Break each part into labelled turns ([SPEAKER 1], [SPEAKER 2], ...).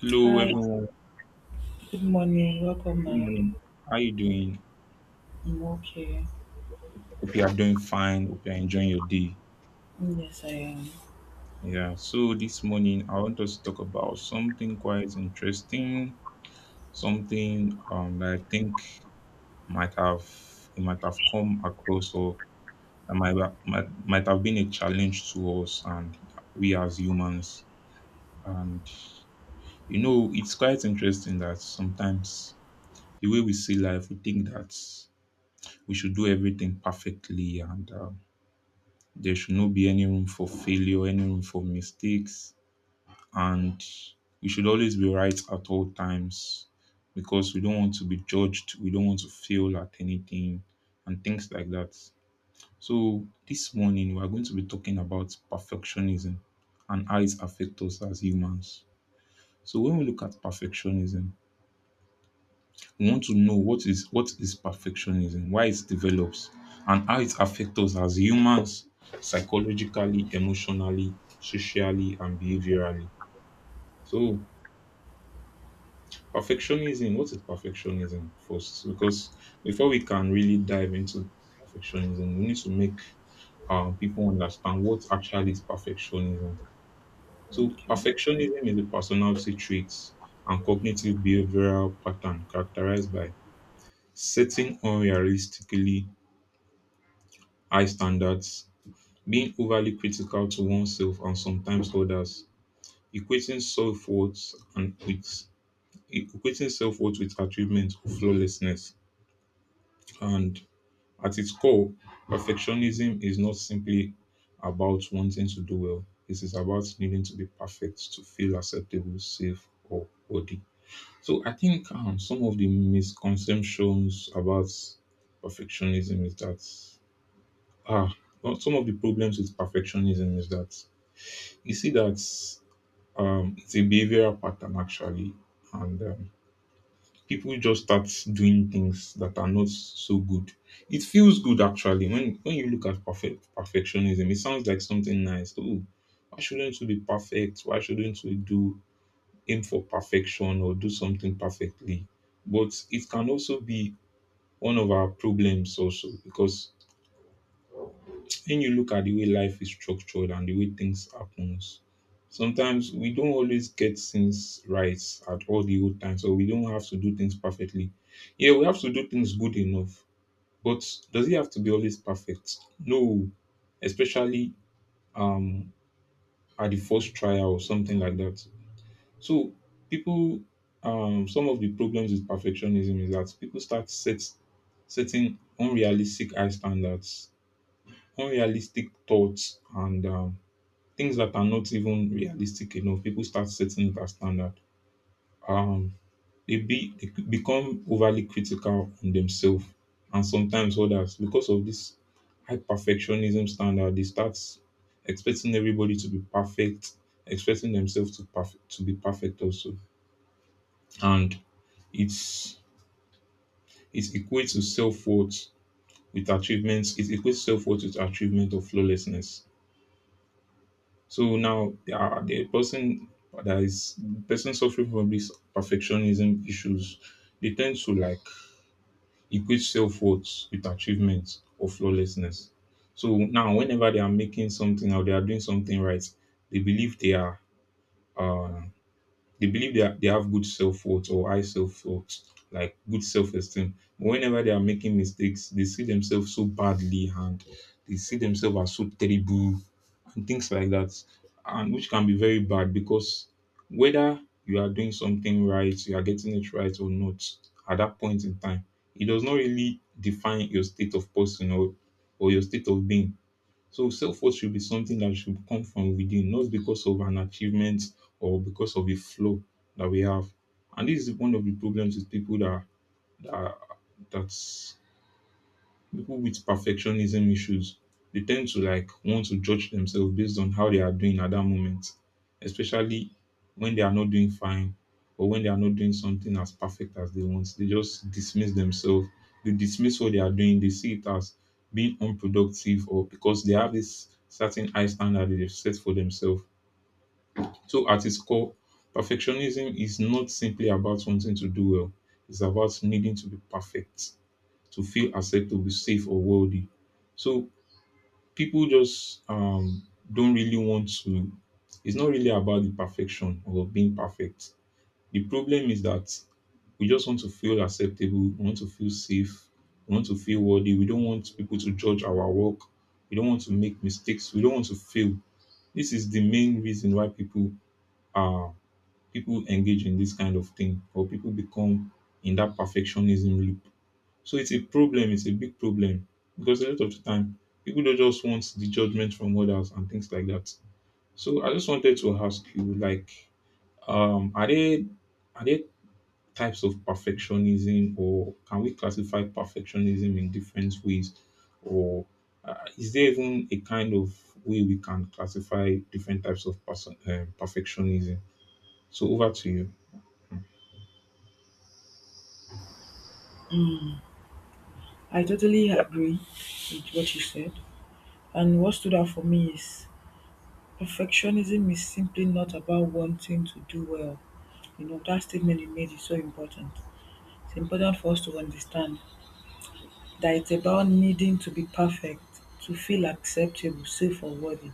[SPEAKER 1] Hello,
[SPEAKER 2] Hi,
[SPEAKER 1] everyone.
[SPEAKER 2] good morning. Welcome,
[SPEAKER 1] Good
[SPEAKER 2] ma'am.
[SPEAKER 1] morning. How are you doing?
[SPEAKER 2] I'm okay.
[SPEAKER 1] Hope you are doing fine. Hope you are enjoying your day.
[SPEAKER 2] Yes, I am.
[SPEAKER 1] Yeah. So this morning, I want us to talk about something quite interesting. Something that I think might have it might have come across, or that might, ha- might have been a challenge to us and we as humans. And you know, it's quite interesting that sometimes the way we see life, we think that we should do everything perfectly and. There should not be any room for failure, any room for mistakes, and we should always be right at all times because we don't want to be judged, we don't want to fail at anything, and things like that. So, this morning we are going to be talking about perfectionism and how it affects us as humans. So, when we look at perfectionism, we want to know what is perfectionism, why it develops, and how it affects us as humans psychologically, emotionally, socially, and behaviorally. So perfectionism, what is perfectionism first? Because before we can really dive into perfectionism, we need to make people understand what actually is perfectionism. So perfectionism is a personality trait and cognitive behavioral pattern characterized by setting unrealistically high standards, being overly critical to oneself and sometimes others, equating self-worth and with equating self-worth with achievement or flawlessness. And at its core, perfectionism is not simply about wanting to do well. It is about needing to be perfect to feel acceptable, safe, or worthy. So I think some of the misconceptions about perfectionism is that Ah, some of the problems with perfectionism is that you see that it's a behavioral pattern actually, and people just start doing things that are not so good. It feels good actually when you look at perfectionism. It sounds like something nice. Oh, why shouldn't we be perfect? Why shouldn't we do aim for perfection or do something perfectly? But it can also be one of our problems also because when you look at the way life is structured and the way things happens, sometimes we don't always get things right at all the old time. So we don't have to do things perfectly. Yeah, we have to do things good enough. But does it have to be always perfect? No. Especially um at the first trial or something like that. So people some of the problems with perfectionism is that people start setting unrealistic high standards, unrealistic thoughts and things that are not even realistic enough, people start setting it as standard. Um, they they become overly critical on themselves and sometimes others because of this high perfectionism standard. They start expecting everybody to be perfect, expecting themselves to be perfect also, and it's it equates to self worth with achievements. It equates self worth with achievement of flawlessness. So now the person that is person suffering from this perfectionism issues, they tend to like equate self worth with achievement or flawlessness. So now whenever they are making something or they are doing something right, they believe they are uh, they have good self worth or high self worth, like good self esteem. But whenever they are making mistakes, they see themselves so badly and they see themselves as so terrible and things like that, and which can be very bad because whether you are doing something right, you are getting it right or not at that point in time, it does not really define your state of person, or your state of being, so self-worth should be something that should come from within, not because of an achievement or because of a flaw that we have. And this is one of the problems with people that that that's people with perfectionism issues. They tend to like want to judge themselves based on how they are doing at that moment, especially when they are not doing fine or when they are not doing something as perfect as they want. They just dismiss themselves, they dismiss what they are doing, they see it as being unproductive, or because they have this certain high standard that they've set for themselves. So at its core, perfectionism is not simply about wanting to do well. It's about needing to be perfect to feel acceptable, safe, or worthy. So people just don't really want to. It's not really about the perfection or being perfect. The problem is that we just want to feel acceptable, we want to feel safe, we want to feel worthy. We don't want people to judge our work. We don't want to make mistakes. We don't want to fail. This is the main reason why are people engage in this kind of thing, or people become in that perfectionism loop. So it's a problem, it's a big problem, because a lot of the time people don't just want the judgment from others and things like that. So I just wanted to ask you, like, um, are there are there types of perfectionism, or can we classify perfectionism in different ways, or is there even a kind of way we can classify different types of perfectionism? So over to you.
[SPEAKER 2] Mm, I totally agree with what you said. And what stood out for me is perfectionism is simply not about wanting to do well. You know, that statement you made is so important. It's important for us to understand that it's about needing to be perfect, to feel acceptable, safe, or worthy.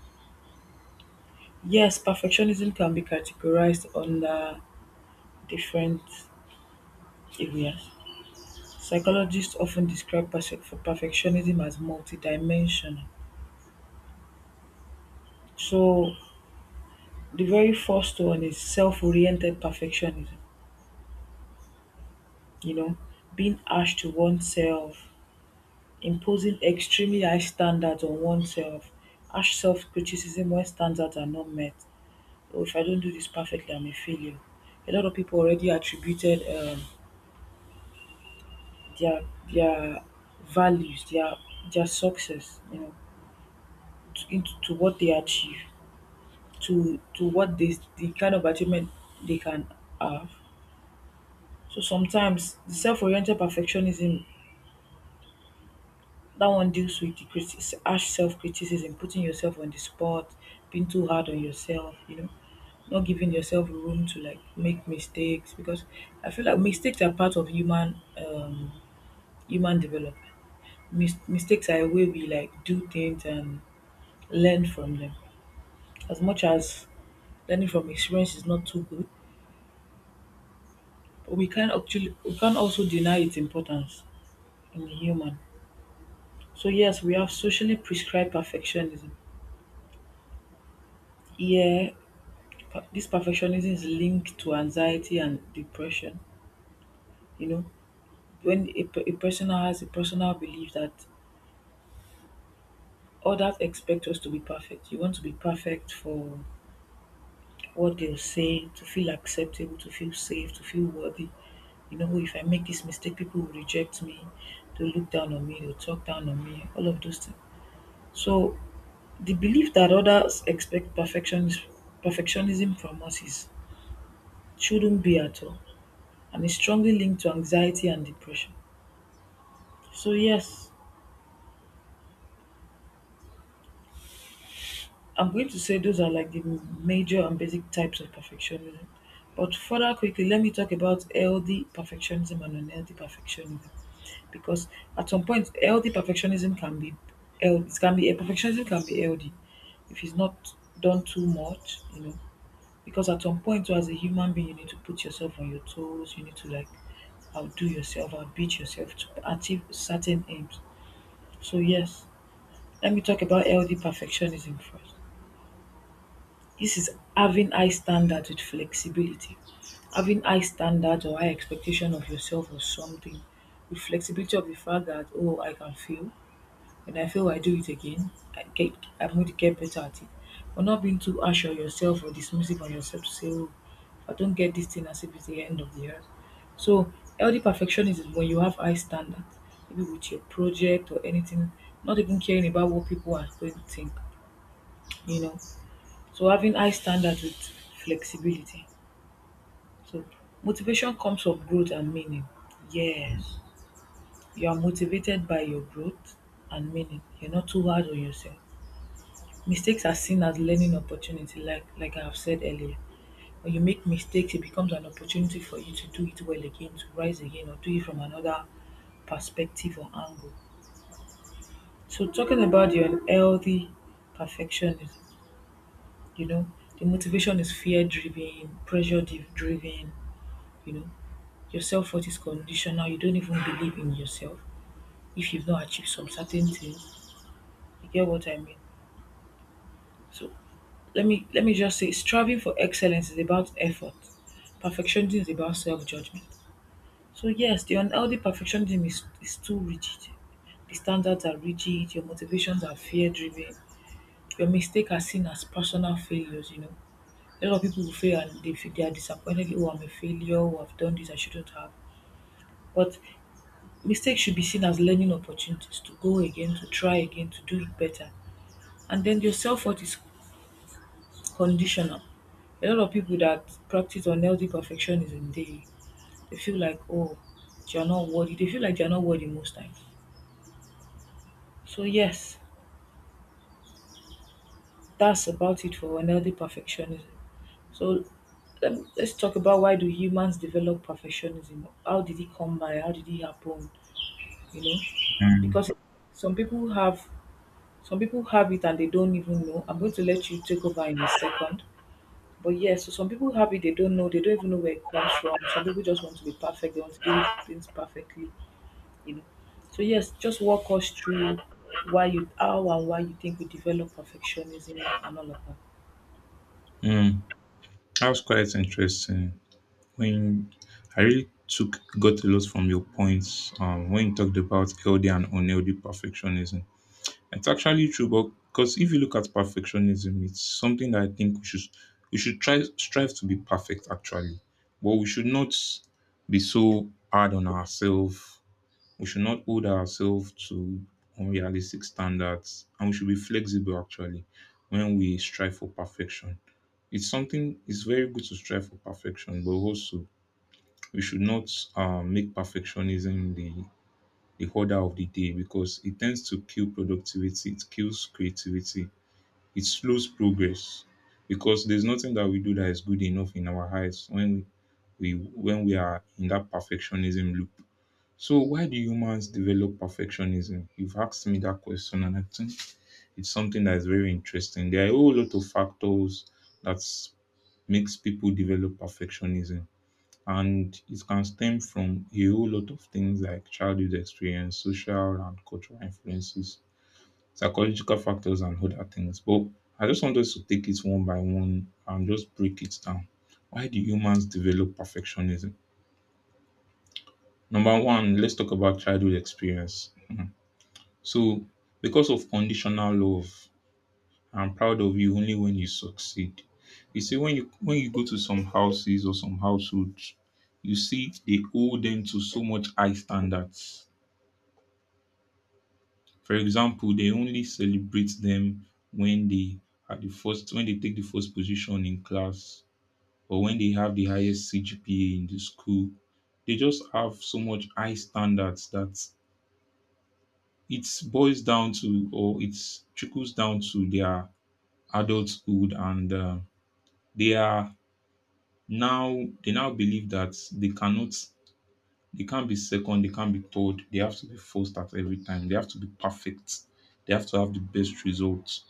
[SPEAKER 2] Yes, perfectionism can be categorized under different areas. Psychologists often describe perfectionism as multidimensional. So the very first one is self-oriented perfectionism, you know, being harsh to oneself, imposing extremely high standards on oneself, harsh self-criticism when standards are not met. Oh, if I don't do this perfectly, I'm a failure. A lot of people already attributed their their values, their success, you know, to what they achieve. To what they the kind of achievement they can have. So sometimes the self-oriented perfectionism that one deals with the harsh self-criticism, putting yourself on the spot, being too hard on yourself, you know, not giving yourself room to like make mistakes because I feel like mistakes are part of human human development. Mistakes are a way we like do things and learn from them. As much as learning from experience is not too good, we can actually we can't also deny its importance in the human. So yes, we have socially prescribed perfectionism. Yeah, this perfectionism is linked to anxiety and depression. You know, when a person has a personal belief that others expect us to be perfect, you want to be perfect for what they'll say, to feel acceptable, to feel safe, to feel worthy. You know, if I make this mistake, people will reject me, they'll look down on me, they'll talk down on me, all of those things. So the belief that others expect perfectionism from us is shouldn't be at all, and is strongly linked to anxiety and depression. So yes, I'm going to say those are like the major and basic types of perfectionism. But further quickly, let me talk about healthy perfectionism and unhealthy perfectionism, because at some point, healthy perfectionism can be health. It can be a perfectionism can be healthy if it's not done too much, you know. Because at some point too as a human being you need to put yourself on your toes, you need to like outdo yourself, outbeat yourself to achieve certain aims. So yes, let me talk about healthy perfectionism first. This is having high standards with flexibility. Having high standards or high expectation of yourself or something with flexibility of the fact that oh, I can fail, when I fail, I do it again. I get, I'm going to get better at it. But not being too harsh on yourself or dismissive on yourself to say, oh, if I don't get this thing as if it's the end of the earth. So, healthy perfectionism is when you have high standards, maybe with your project or anything, not even caring about what people are going to think, you know. So, having high standards with flexibility. So, motivation comes from growth and meaning. Yes, you are motivated by your growth and meaning. You're not too hard on yourself. Mistakes are seen as learning opportunity, like I have said earlier. When you make mistakes, it becomes an opportunity for you to do it well again, to rise again, or do it from another perspective or angle. So talking about your unhealthy perfectionism, you know, the motivation is fear driven, driven, you know, your self worth is conditional, you don't even believe in yourself if you've not achieved some certain things. You get what I mean? So let me just say striving for excellence is about effort, perfectionism is about self-judgment. So yes, the unhealthy perfectionism is too rigid, the standards are rigid, your motivations are fear driven, your mistakes are seen as personal failures. You know, a lot of people will fail and feel they are disappointed. Oh, I'm a failure. Oh, I've done this, I shouldn't have. But mistakes should be seen as learning opportunities to go again, to try again, to do it better. And then your self-worth is conditioner. A lot of people that practice unhealthy perfectionism, they feel like oh, they are not worthy. They feel like they are not worthy most times. So yes, that's about it for unhealthy perfectionism. So let's talk about why do humans develop perfectionism? How did it come by? How did it happen? You know, because some people have some people have it and they don't even know. I'm going to let you take over in a second. But yes, so some people have it, they don't know, they don't even know where it comes from. Some people just want to be perfect, they want to do things perfectly, you know. So yes, just walk us through why you how and why you think we develop perfectionism and all of that.
[SPEAKER 1] Mm, that was quite interesting. When I really took got a lot from your points when you talked about healthy and unhealthy perfectionism. It's actually true, but because if you look at perfectionism, it's something that I think we should try strive to be perfect actually, but we should not be so hard on ourselves. We should not hold ourselves to unrealistic standards, and we should be flexible actually when we strive for perfection. It's something. It's very good to strive for perfection, but also we should not make perfectionism the order of the day, because it tends to kill productivity, it kills creativity, it slows progress because there's nothing that we do that is good enough in our eyes when we are in that perfectionism loop. So why do humans develop perfectionism? You've asked me that question and I think it's something that is very interesting. There are a whole lot of factors that makes people develop perfectionism, and it can stem from a whole lot of things like childhood experience, social and cultural influences, psychological factors, and other things. But I just want us to take it one by one and just break it down. Why do humans develop perfectionism? Number one, let's talk about childhood experience. Mhm. So, because of conditional love, I'm proud of you only when you succeed. You see, when you go to some houses or some households, you see they hold them to so much high standards. For example, they only celebrate them when they take the first position in class, or when they have the highest CGPA in the school. They just have so much high standards that it boils down to, or it trickles down to their adulthood, and they are they now believe that they can't be second, they can't be third, they have to be first at every time, they have to be perfect, they have to have the best results.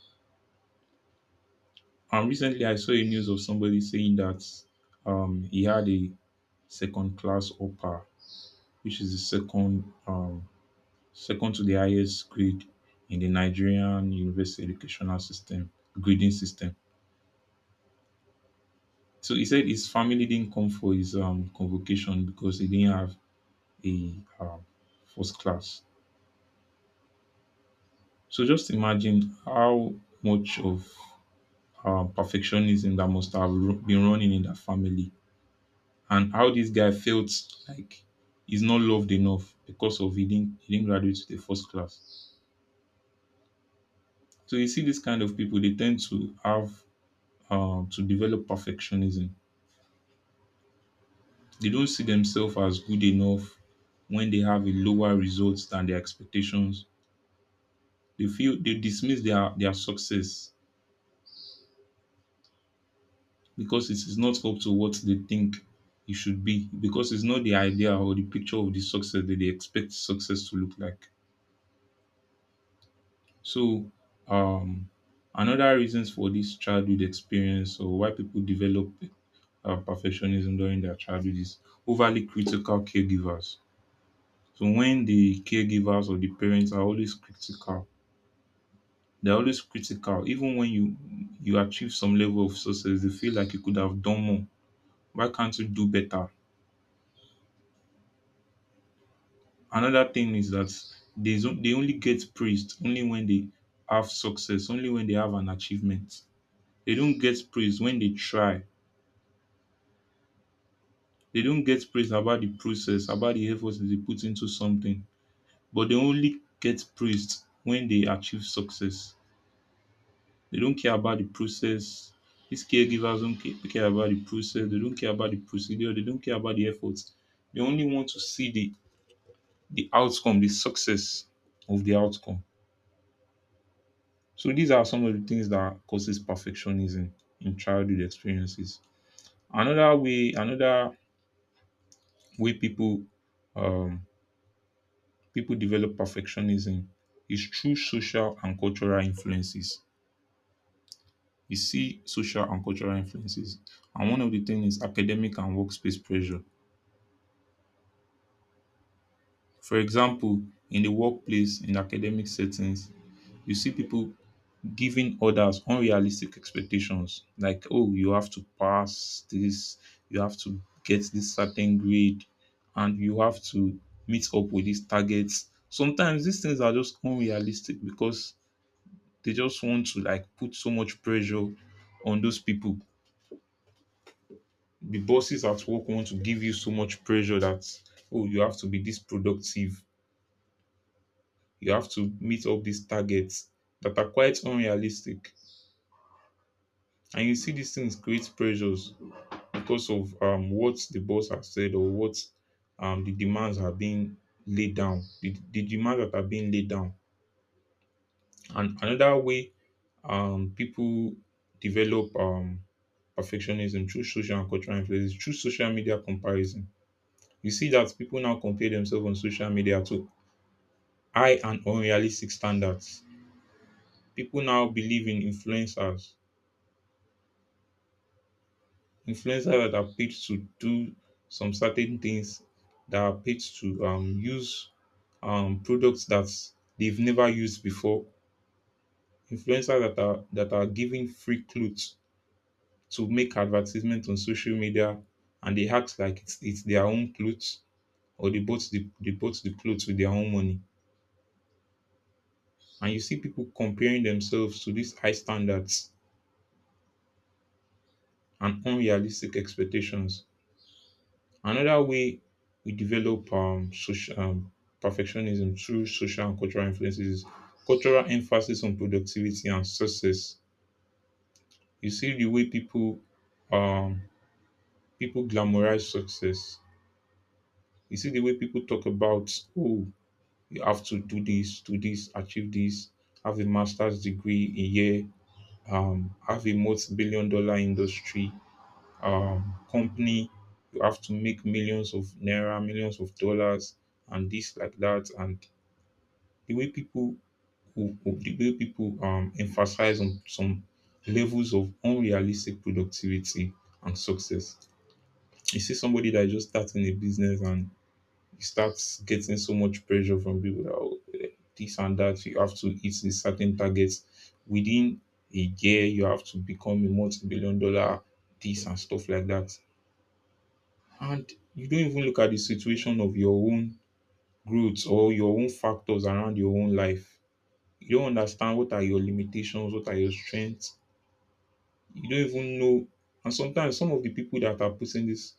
[SPEAKER 1] And recently I saw a news of somebody saying that he had a second class upper, which is the second second to the highest grade in the Nigerian university educational system, grading system. So he said his family didn't come for his convocation because he didn't have a first class. So just imagine how much of perfectionism that must have been running in that family, and how this guy felt like he's not loved enough because of he didn't graduate to the first class. So you see, this kind of people they tend to have to develop perfectionism. They don't see themselves as good enough when they have a lower results than their expectations. They feel they dismiss their success because it is not up to what they think it should be, because it's not the idea or the picture of the success that they expect success to look like. So, um, another reasons for this childhood experience, or why people develop perfectionism during their childhood, is overly critical caregivers. So when the caregivers or the parents are always critical, they're always critical. Even when you achieve some level of success, they feel like you could have done more. Why can't you do better? Another thing is that they only get praised only when they have success, only when they have an achievement. They don't get praised when they try. They don't get praised about the process, about the efforts that they put into something. But they only get praised when they achieve success. They don't care about the process. These caregivers don't care about the process. They don't care about the procedure. They don't care about the efforts. They only want to see the outcome, the success of the outcome. So these are some of the things that causes perfectionism in childhood experiences. Another way people um, people develop perfectionism is through social and cultural influences. You see social and cultural influences, and one of the things is academic and workspace pressure. For example, in the workplace, in academic settings, you see people giving others unrealistic expectations, like, oh, you have to pass this, you have to get this certain grade, and you have to meet up with these targets. Sometimes these things are just unrealistic because they just want to, like, put so much pressure on those people. The bosses at work want to give you so much pressure that, oh, you have to be this productive, you have to meet up these targets that are quite unrealistic. And you see these things create pressures because of what the boss has said, or what the demands are being laid down, the demands that are being laid down. And another way people develop perfectionism through social and cultural influences, through social media comparison. You see that people now compare themselves on social media to high and unrealistic standards. People now believe in influencers. Influencers that are paid to do some certain things, that are paid to use products that they've never used before. Influencers that are giving free clothes to make advertisement on social media, and they act like it's their own clothes, or they bought the, they bought the clothes with their own money. And you see people comparing themselves to these high standards and unrealistic expectations. Another way we develop perfectionism through social and cultural influences is cultural emphasis on productivity and success. You see the way people um, people glamorize success. You see the way people talk about, oh, you have to do this, achieve this, have a master's degree in year, have a multi-$1 billion industry, um, company. You have to make millions of naira, millions of dollars, and this like that. And the way the way people emphasize on some levels of unrealistic productivity and success. You see somebody that just starting a business, and you start getting so much pressure from people that, "Oh, this and that. You have to hit these certain targets within a year. You have to become a multi-$1 billion this," and stuff like that. And you don't even look at the situation of your own growth or your own factors around your own life. You don't understand what are your limitations, what are your strengths. You don't even know. And sometimes some of the people that are putting this,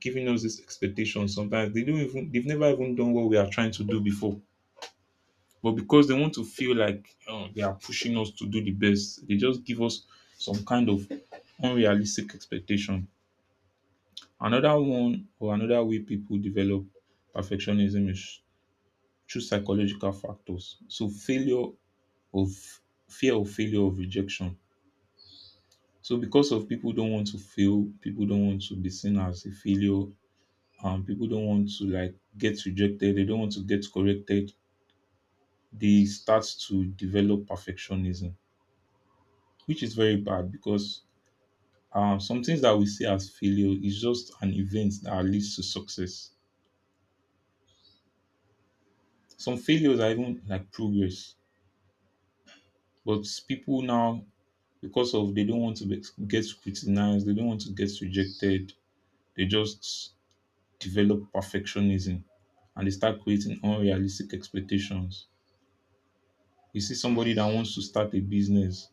[SPEAKER 1] giving us this expectation, sometimes they don't even, they've never even done what we are trying to do before. But because they want to feel like, oh, they are pushing us to do the best, they just give us some kind of unrealistic expectation. Another one, or another way people develop perfectionism is through psychological factors. So failure of, fear of failure, of rejection. So because of people don't want to fail, people don't want to be seen as a failure, and people don't want to like get rejected, they don't want to get corrected, they start to develop perfectionism, which is very bad because some things that we see as failure is just an event that leads to success. Some failures are even like progress, but people now because of they don't want to be, get criticized, they don't want to get rejected. They just develop perfectionism, and they start creating unrealistic expectations. You see somebody that wants to start a business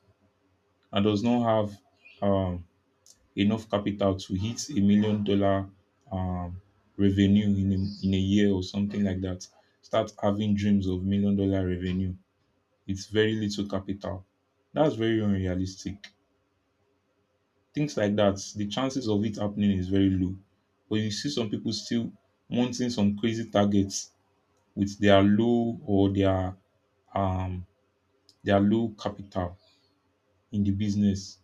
[SPEAKER 1] and does not have um, enough capital to hit a $1 million um, revenue in a year or something like that, start having dreams of $1 million revenue. It's very little capital. That's very unrealistic. Things like that, the chances of it happening is very low. But you see some people still wanting some crazy targets with their low, or um their low capital in the business.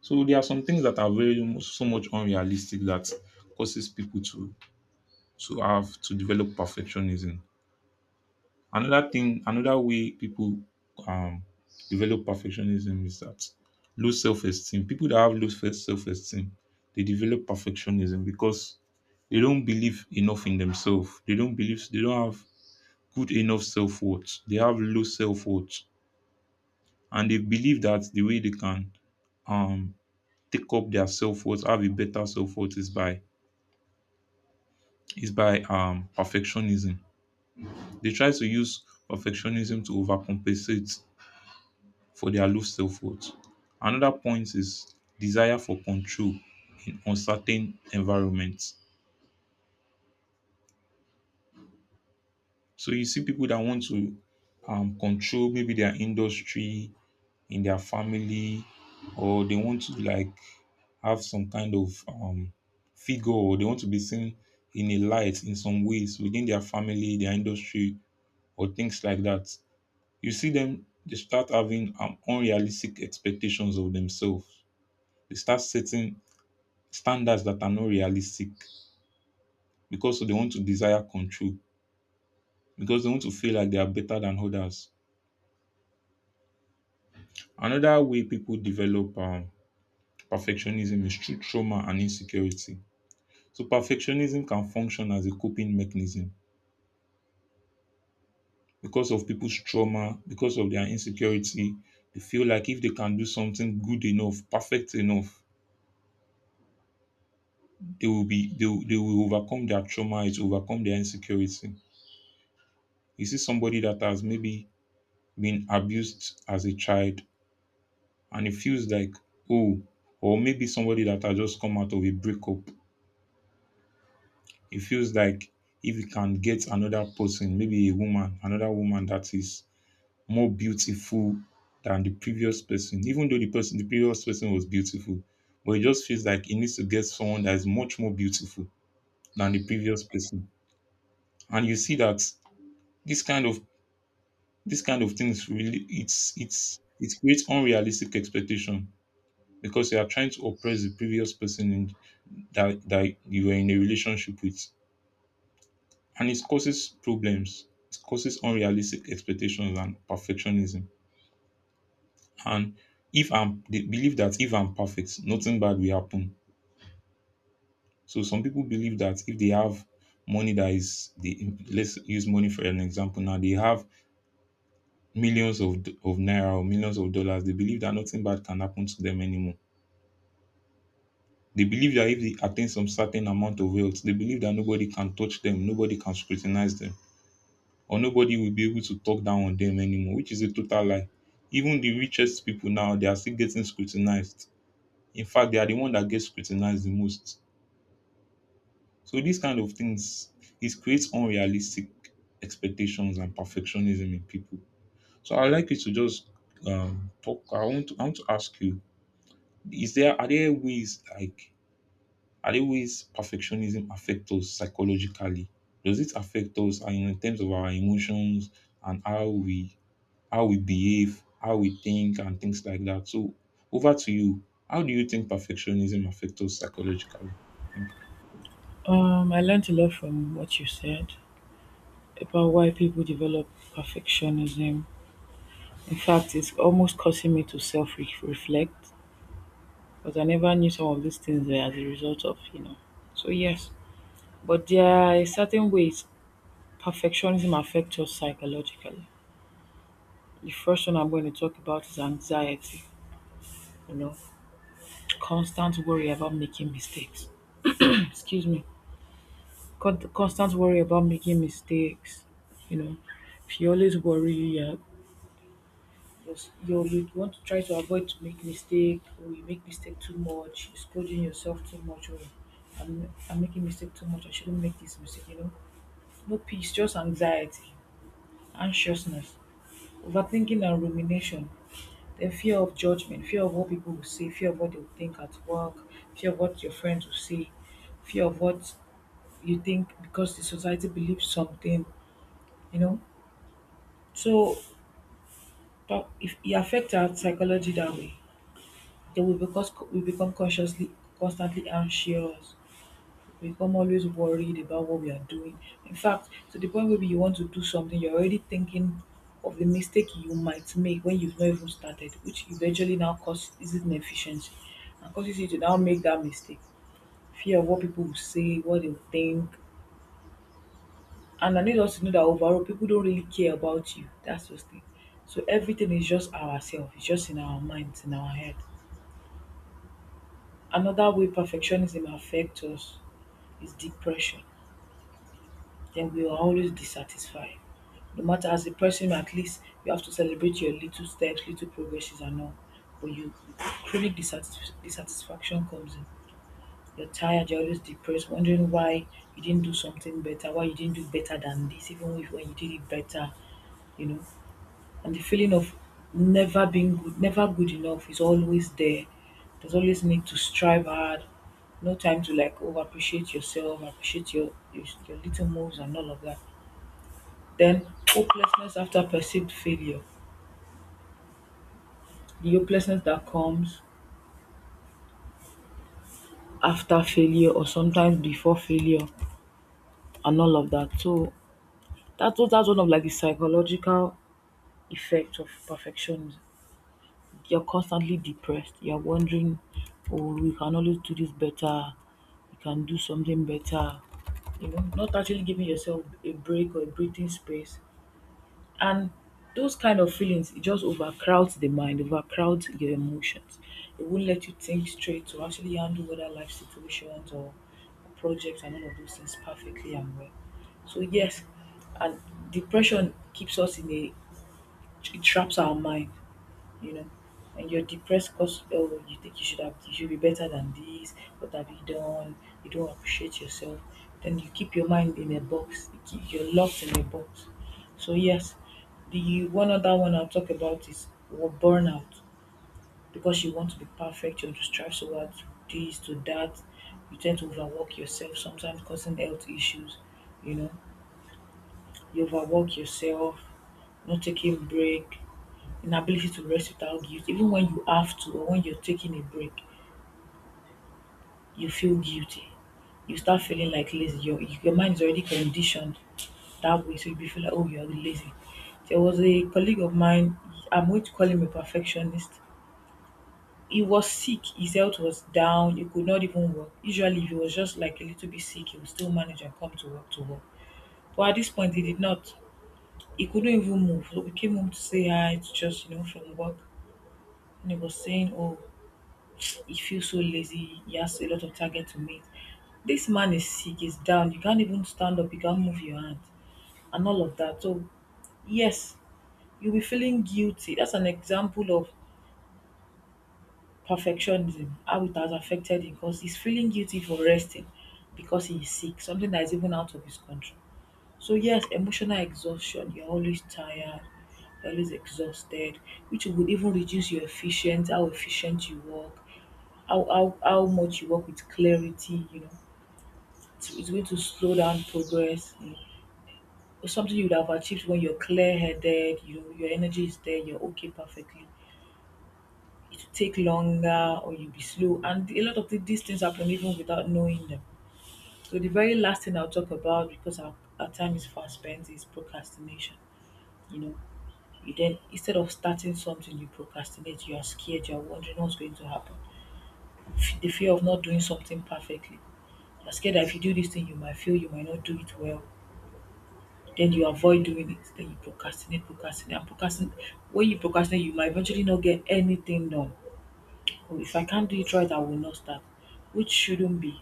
[SPEAKER 1] So there are some things that are so much unrealistic that causes people to have to develop perfectionism. Another thing, another way people um, develop perfectionism is that low self-esteem. People that have low self-esteem, they develop perfectionism because they don't believe enough in themselves. They don't believe, they don't have good enough self-worth. They have low self-worth, and they believe that the way they can um, take up their self-worth, have a better self-worth, is by perfectionism. They try to use perfectionism to overcompensate for their low self-worth. Another point is desire for control in uncertain environments. So you see people that want to control maybe their industry, in their family, or they want to like have some kind of figure, or they want to be seen in a light in some ways within their family, their industry, or things like that. You see them, they start having unrealistic expectations of themselves. They start setting standards that are not realistic because they want to desire control, because they want to feel like they are better than others. Another way people develop perfectionism is through trauma and insecurity. So perfectionism can function as a coping mechanism because of people's trauma, because of their insecurity. They feel like if they can do something good enough, perfect enough, they will overcome their trauma, it will overcome their insecurity. You see somebody that has maybe been abused as a child, and it feels like, oh, or maybe somebody that has just come out of a breakup. It feels like if you can get another person, maybe a woman, another woman that is more beautiful than the previous person, even though the previous person was beautiful, but it just feels like he needs to get someone that is much more beautiful than the previous person. And you see that this kind of this kind of things really, it creates unrealistic expectation because you are trying to oppress the previous person in that you are in a relationship with, and it causes problems. It causes unrealistic expectations and perfectionism. And if I'm they believe that if I'm perfect, nothing bad will happen. So some people believe that if they have money, that is, they, let's use money for an example, now, they have millions of naira or millions of dollars, they believe that nothing bad can happen to them anymore. They believe that if they attain some certain amount of wealth, they believe that nobody can touch them, nobody can scrutinize them, or nobody will be able to talk down on them anymore, which is a total lie. Even the richest people now, they are still getting scrutinized. In fact, they are the one that gets scrutinized the most. So these kind of things, it creates unrealistic expectations and perfectionism in people. So I'd like you to just talk. I want to ask you: Is there, are there ways, like, are there ways perfectionism affect us psychologically? Does it affect us, and in terms of our emotions and how we, how we behave, how we think, and things like that. So, over to you. How do you think perfectionism affects us psychologically? Thank
[SPEAKER 2] I learned a lot from what you said about why people develop perfectionism. In fact, it's almost causing me to self reflect because I never knew some of these things were as a result of, you know. So, yes, but there are certain ways perfectionism affects us psychologically. The first one I'm going to talk about is anxiety. You know, constant worry about making mistakes. Excuse me. Constant worry about making mistakes. You know, if you always worry, yeah, you want to try to avoid to make mistake, or you make mistake too much, you're scolding yourself too much, or I'm making mistake too much. I shouldn't make this mistake. You know, no peace, just anxiety, anxiousness, overthinking and rumination. Then fear of judgment, fear of what people will say, fear of what they will think at work, fear of what your friends will say, fear of what you think because the society believes something, you know. So if it affects our psychology that way, then we become consciously constantly anxious. We become always worried about what we are doing. In fact, to the point where you want to do something, you're already thinking of the mistake you might make when you've not even started, which eventually now causes inefficiency and causes you to now make that mistake. Fear of what people will say, what they will think. And I need us to know that overall people don't really care about you. That's the thing. So everything is just ourselves, it's just in our minds, in our head. Another way perfectionism affects us is depression. Then we will always be satisfied. No matter as a person, at least you have to celebrate your little steps, little progresses, and all. But you dissatisfaction comes in. You're tired, you're always depressed, wondering why you didn't do something better, why you didn't do better than this, even if when you did it better, you know. And the feeling of never being good, never good enough is always there. There's always need to strive hard, no time to like over appreciate yourself, appreciate your little moves and all of that. Then hopelessness after perceived failure. The hopelessness that comes after failure or sometimes before failure and all of that. So that's one of like the psychological effects of perfectionism. You're constantly depressed. You're wondering, oh, we can always do this better. You can do something better. You know, not actually giving yourself a break or a breathing space. And those kind of feelings, it just overcrowds the mind, overcrowds your emotions. It won't let you think straight to actually handle other life situations or projects and all of those things perfectly and well. So yes, and depression keeps us in a it traps our mind, you know. And you're depressed because oh, you think you should have you should be better than this. What have you done? You don't appreciate yourself. Then you keep your mind in a box. You're locked in a box. So yes, the one other one I'll talk about is burnout, because you want to be perfect. You want to strive so hard to this to that. You tend to overwork yourself sometimes, causing health issues. You know, you overwork yourself, not taking break, inability to rest without guilt. Even when you have to or when you're taking a break, you feel guilty. You start feeling like lazy. Your mind is already conditioned that way, so you feel like, oh, you're lazy. There was a colleague of mine, I'm going to call him a perfectionist. He was sick, his health was down, he could not even work. Usually, if he was just like a little bit sick, he would still manage and come to work to work. But at this point, he did not. He couldn't even move. So we came home to say hi, to just, you know, from work. And he was saying, oh, he feels so lazy. He has a lot of target to meet. This man is sick, he's down. You can't even stand up. You can't move your hand and all of that. So, yes, you'll be feeling guilty. That's an example of perfectionism, how it has affected him because he's feeling guilty for resting, because he is sick, something that is even out of his control. So yes, emotional exhaustion, you're always tired, you're always exhausted, which would even reduce your efficient, how efficient you work, how much you work with clarity, you know. It's going to slow down progress. You know, something you would have achieved when you're clear headed, you know, your energy is there, you're okay perfectly. It will take longer or you'll be slow. And a lot of these things happen even without knowing them. So the very last thing I'll talk about because our time is fast spent is procrastination. You know, you then instead of starting something you procrastinate, you are scared, you are wondering what's going to happen. The fear of not doing something perfectly, you're scared that if you do this thing you might fail, you might not do it well, then you avoid doing it, then you procrastinate. When you procrastinate you might eventually not get anything done. Oh, if I can't do it right I will not start, which shouldn't be.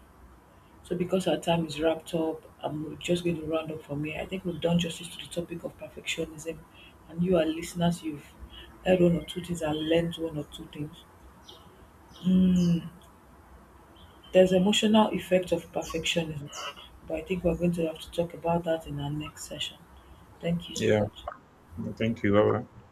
[SPEAKER 2] So because our time is wrapped up, I'm just going to round up from here. I think we've done justice to the topic of perfectionism, and you, our listeners, you've heard one or two things and learned one or two things. Mm, there's emotional effect of perfectionism, but I think we're going to have to talk about that in our next session. Thank you so
[SPEAKER 1] you.
[SPEAKER 2] much.
[SPEAKER 1] Yeah. Thank you. Bye.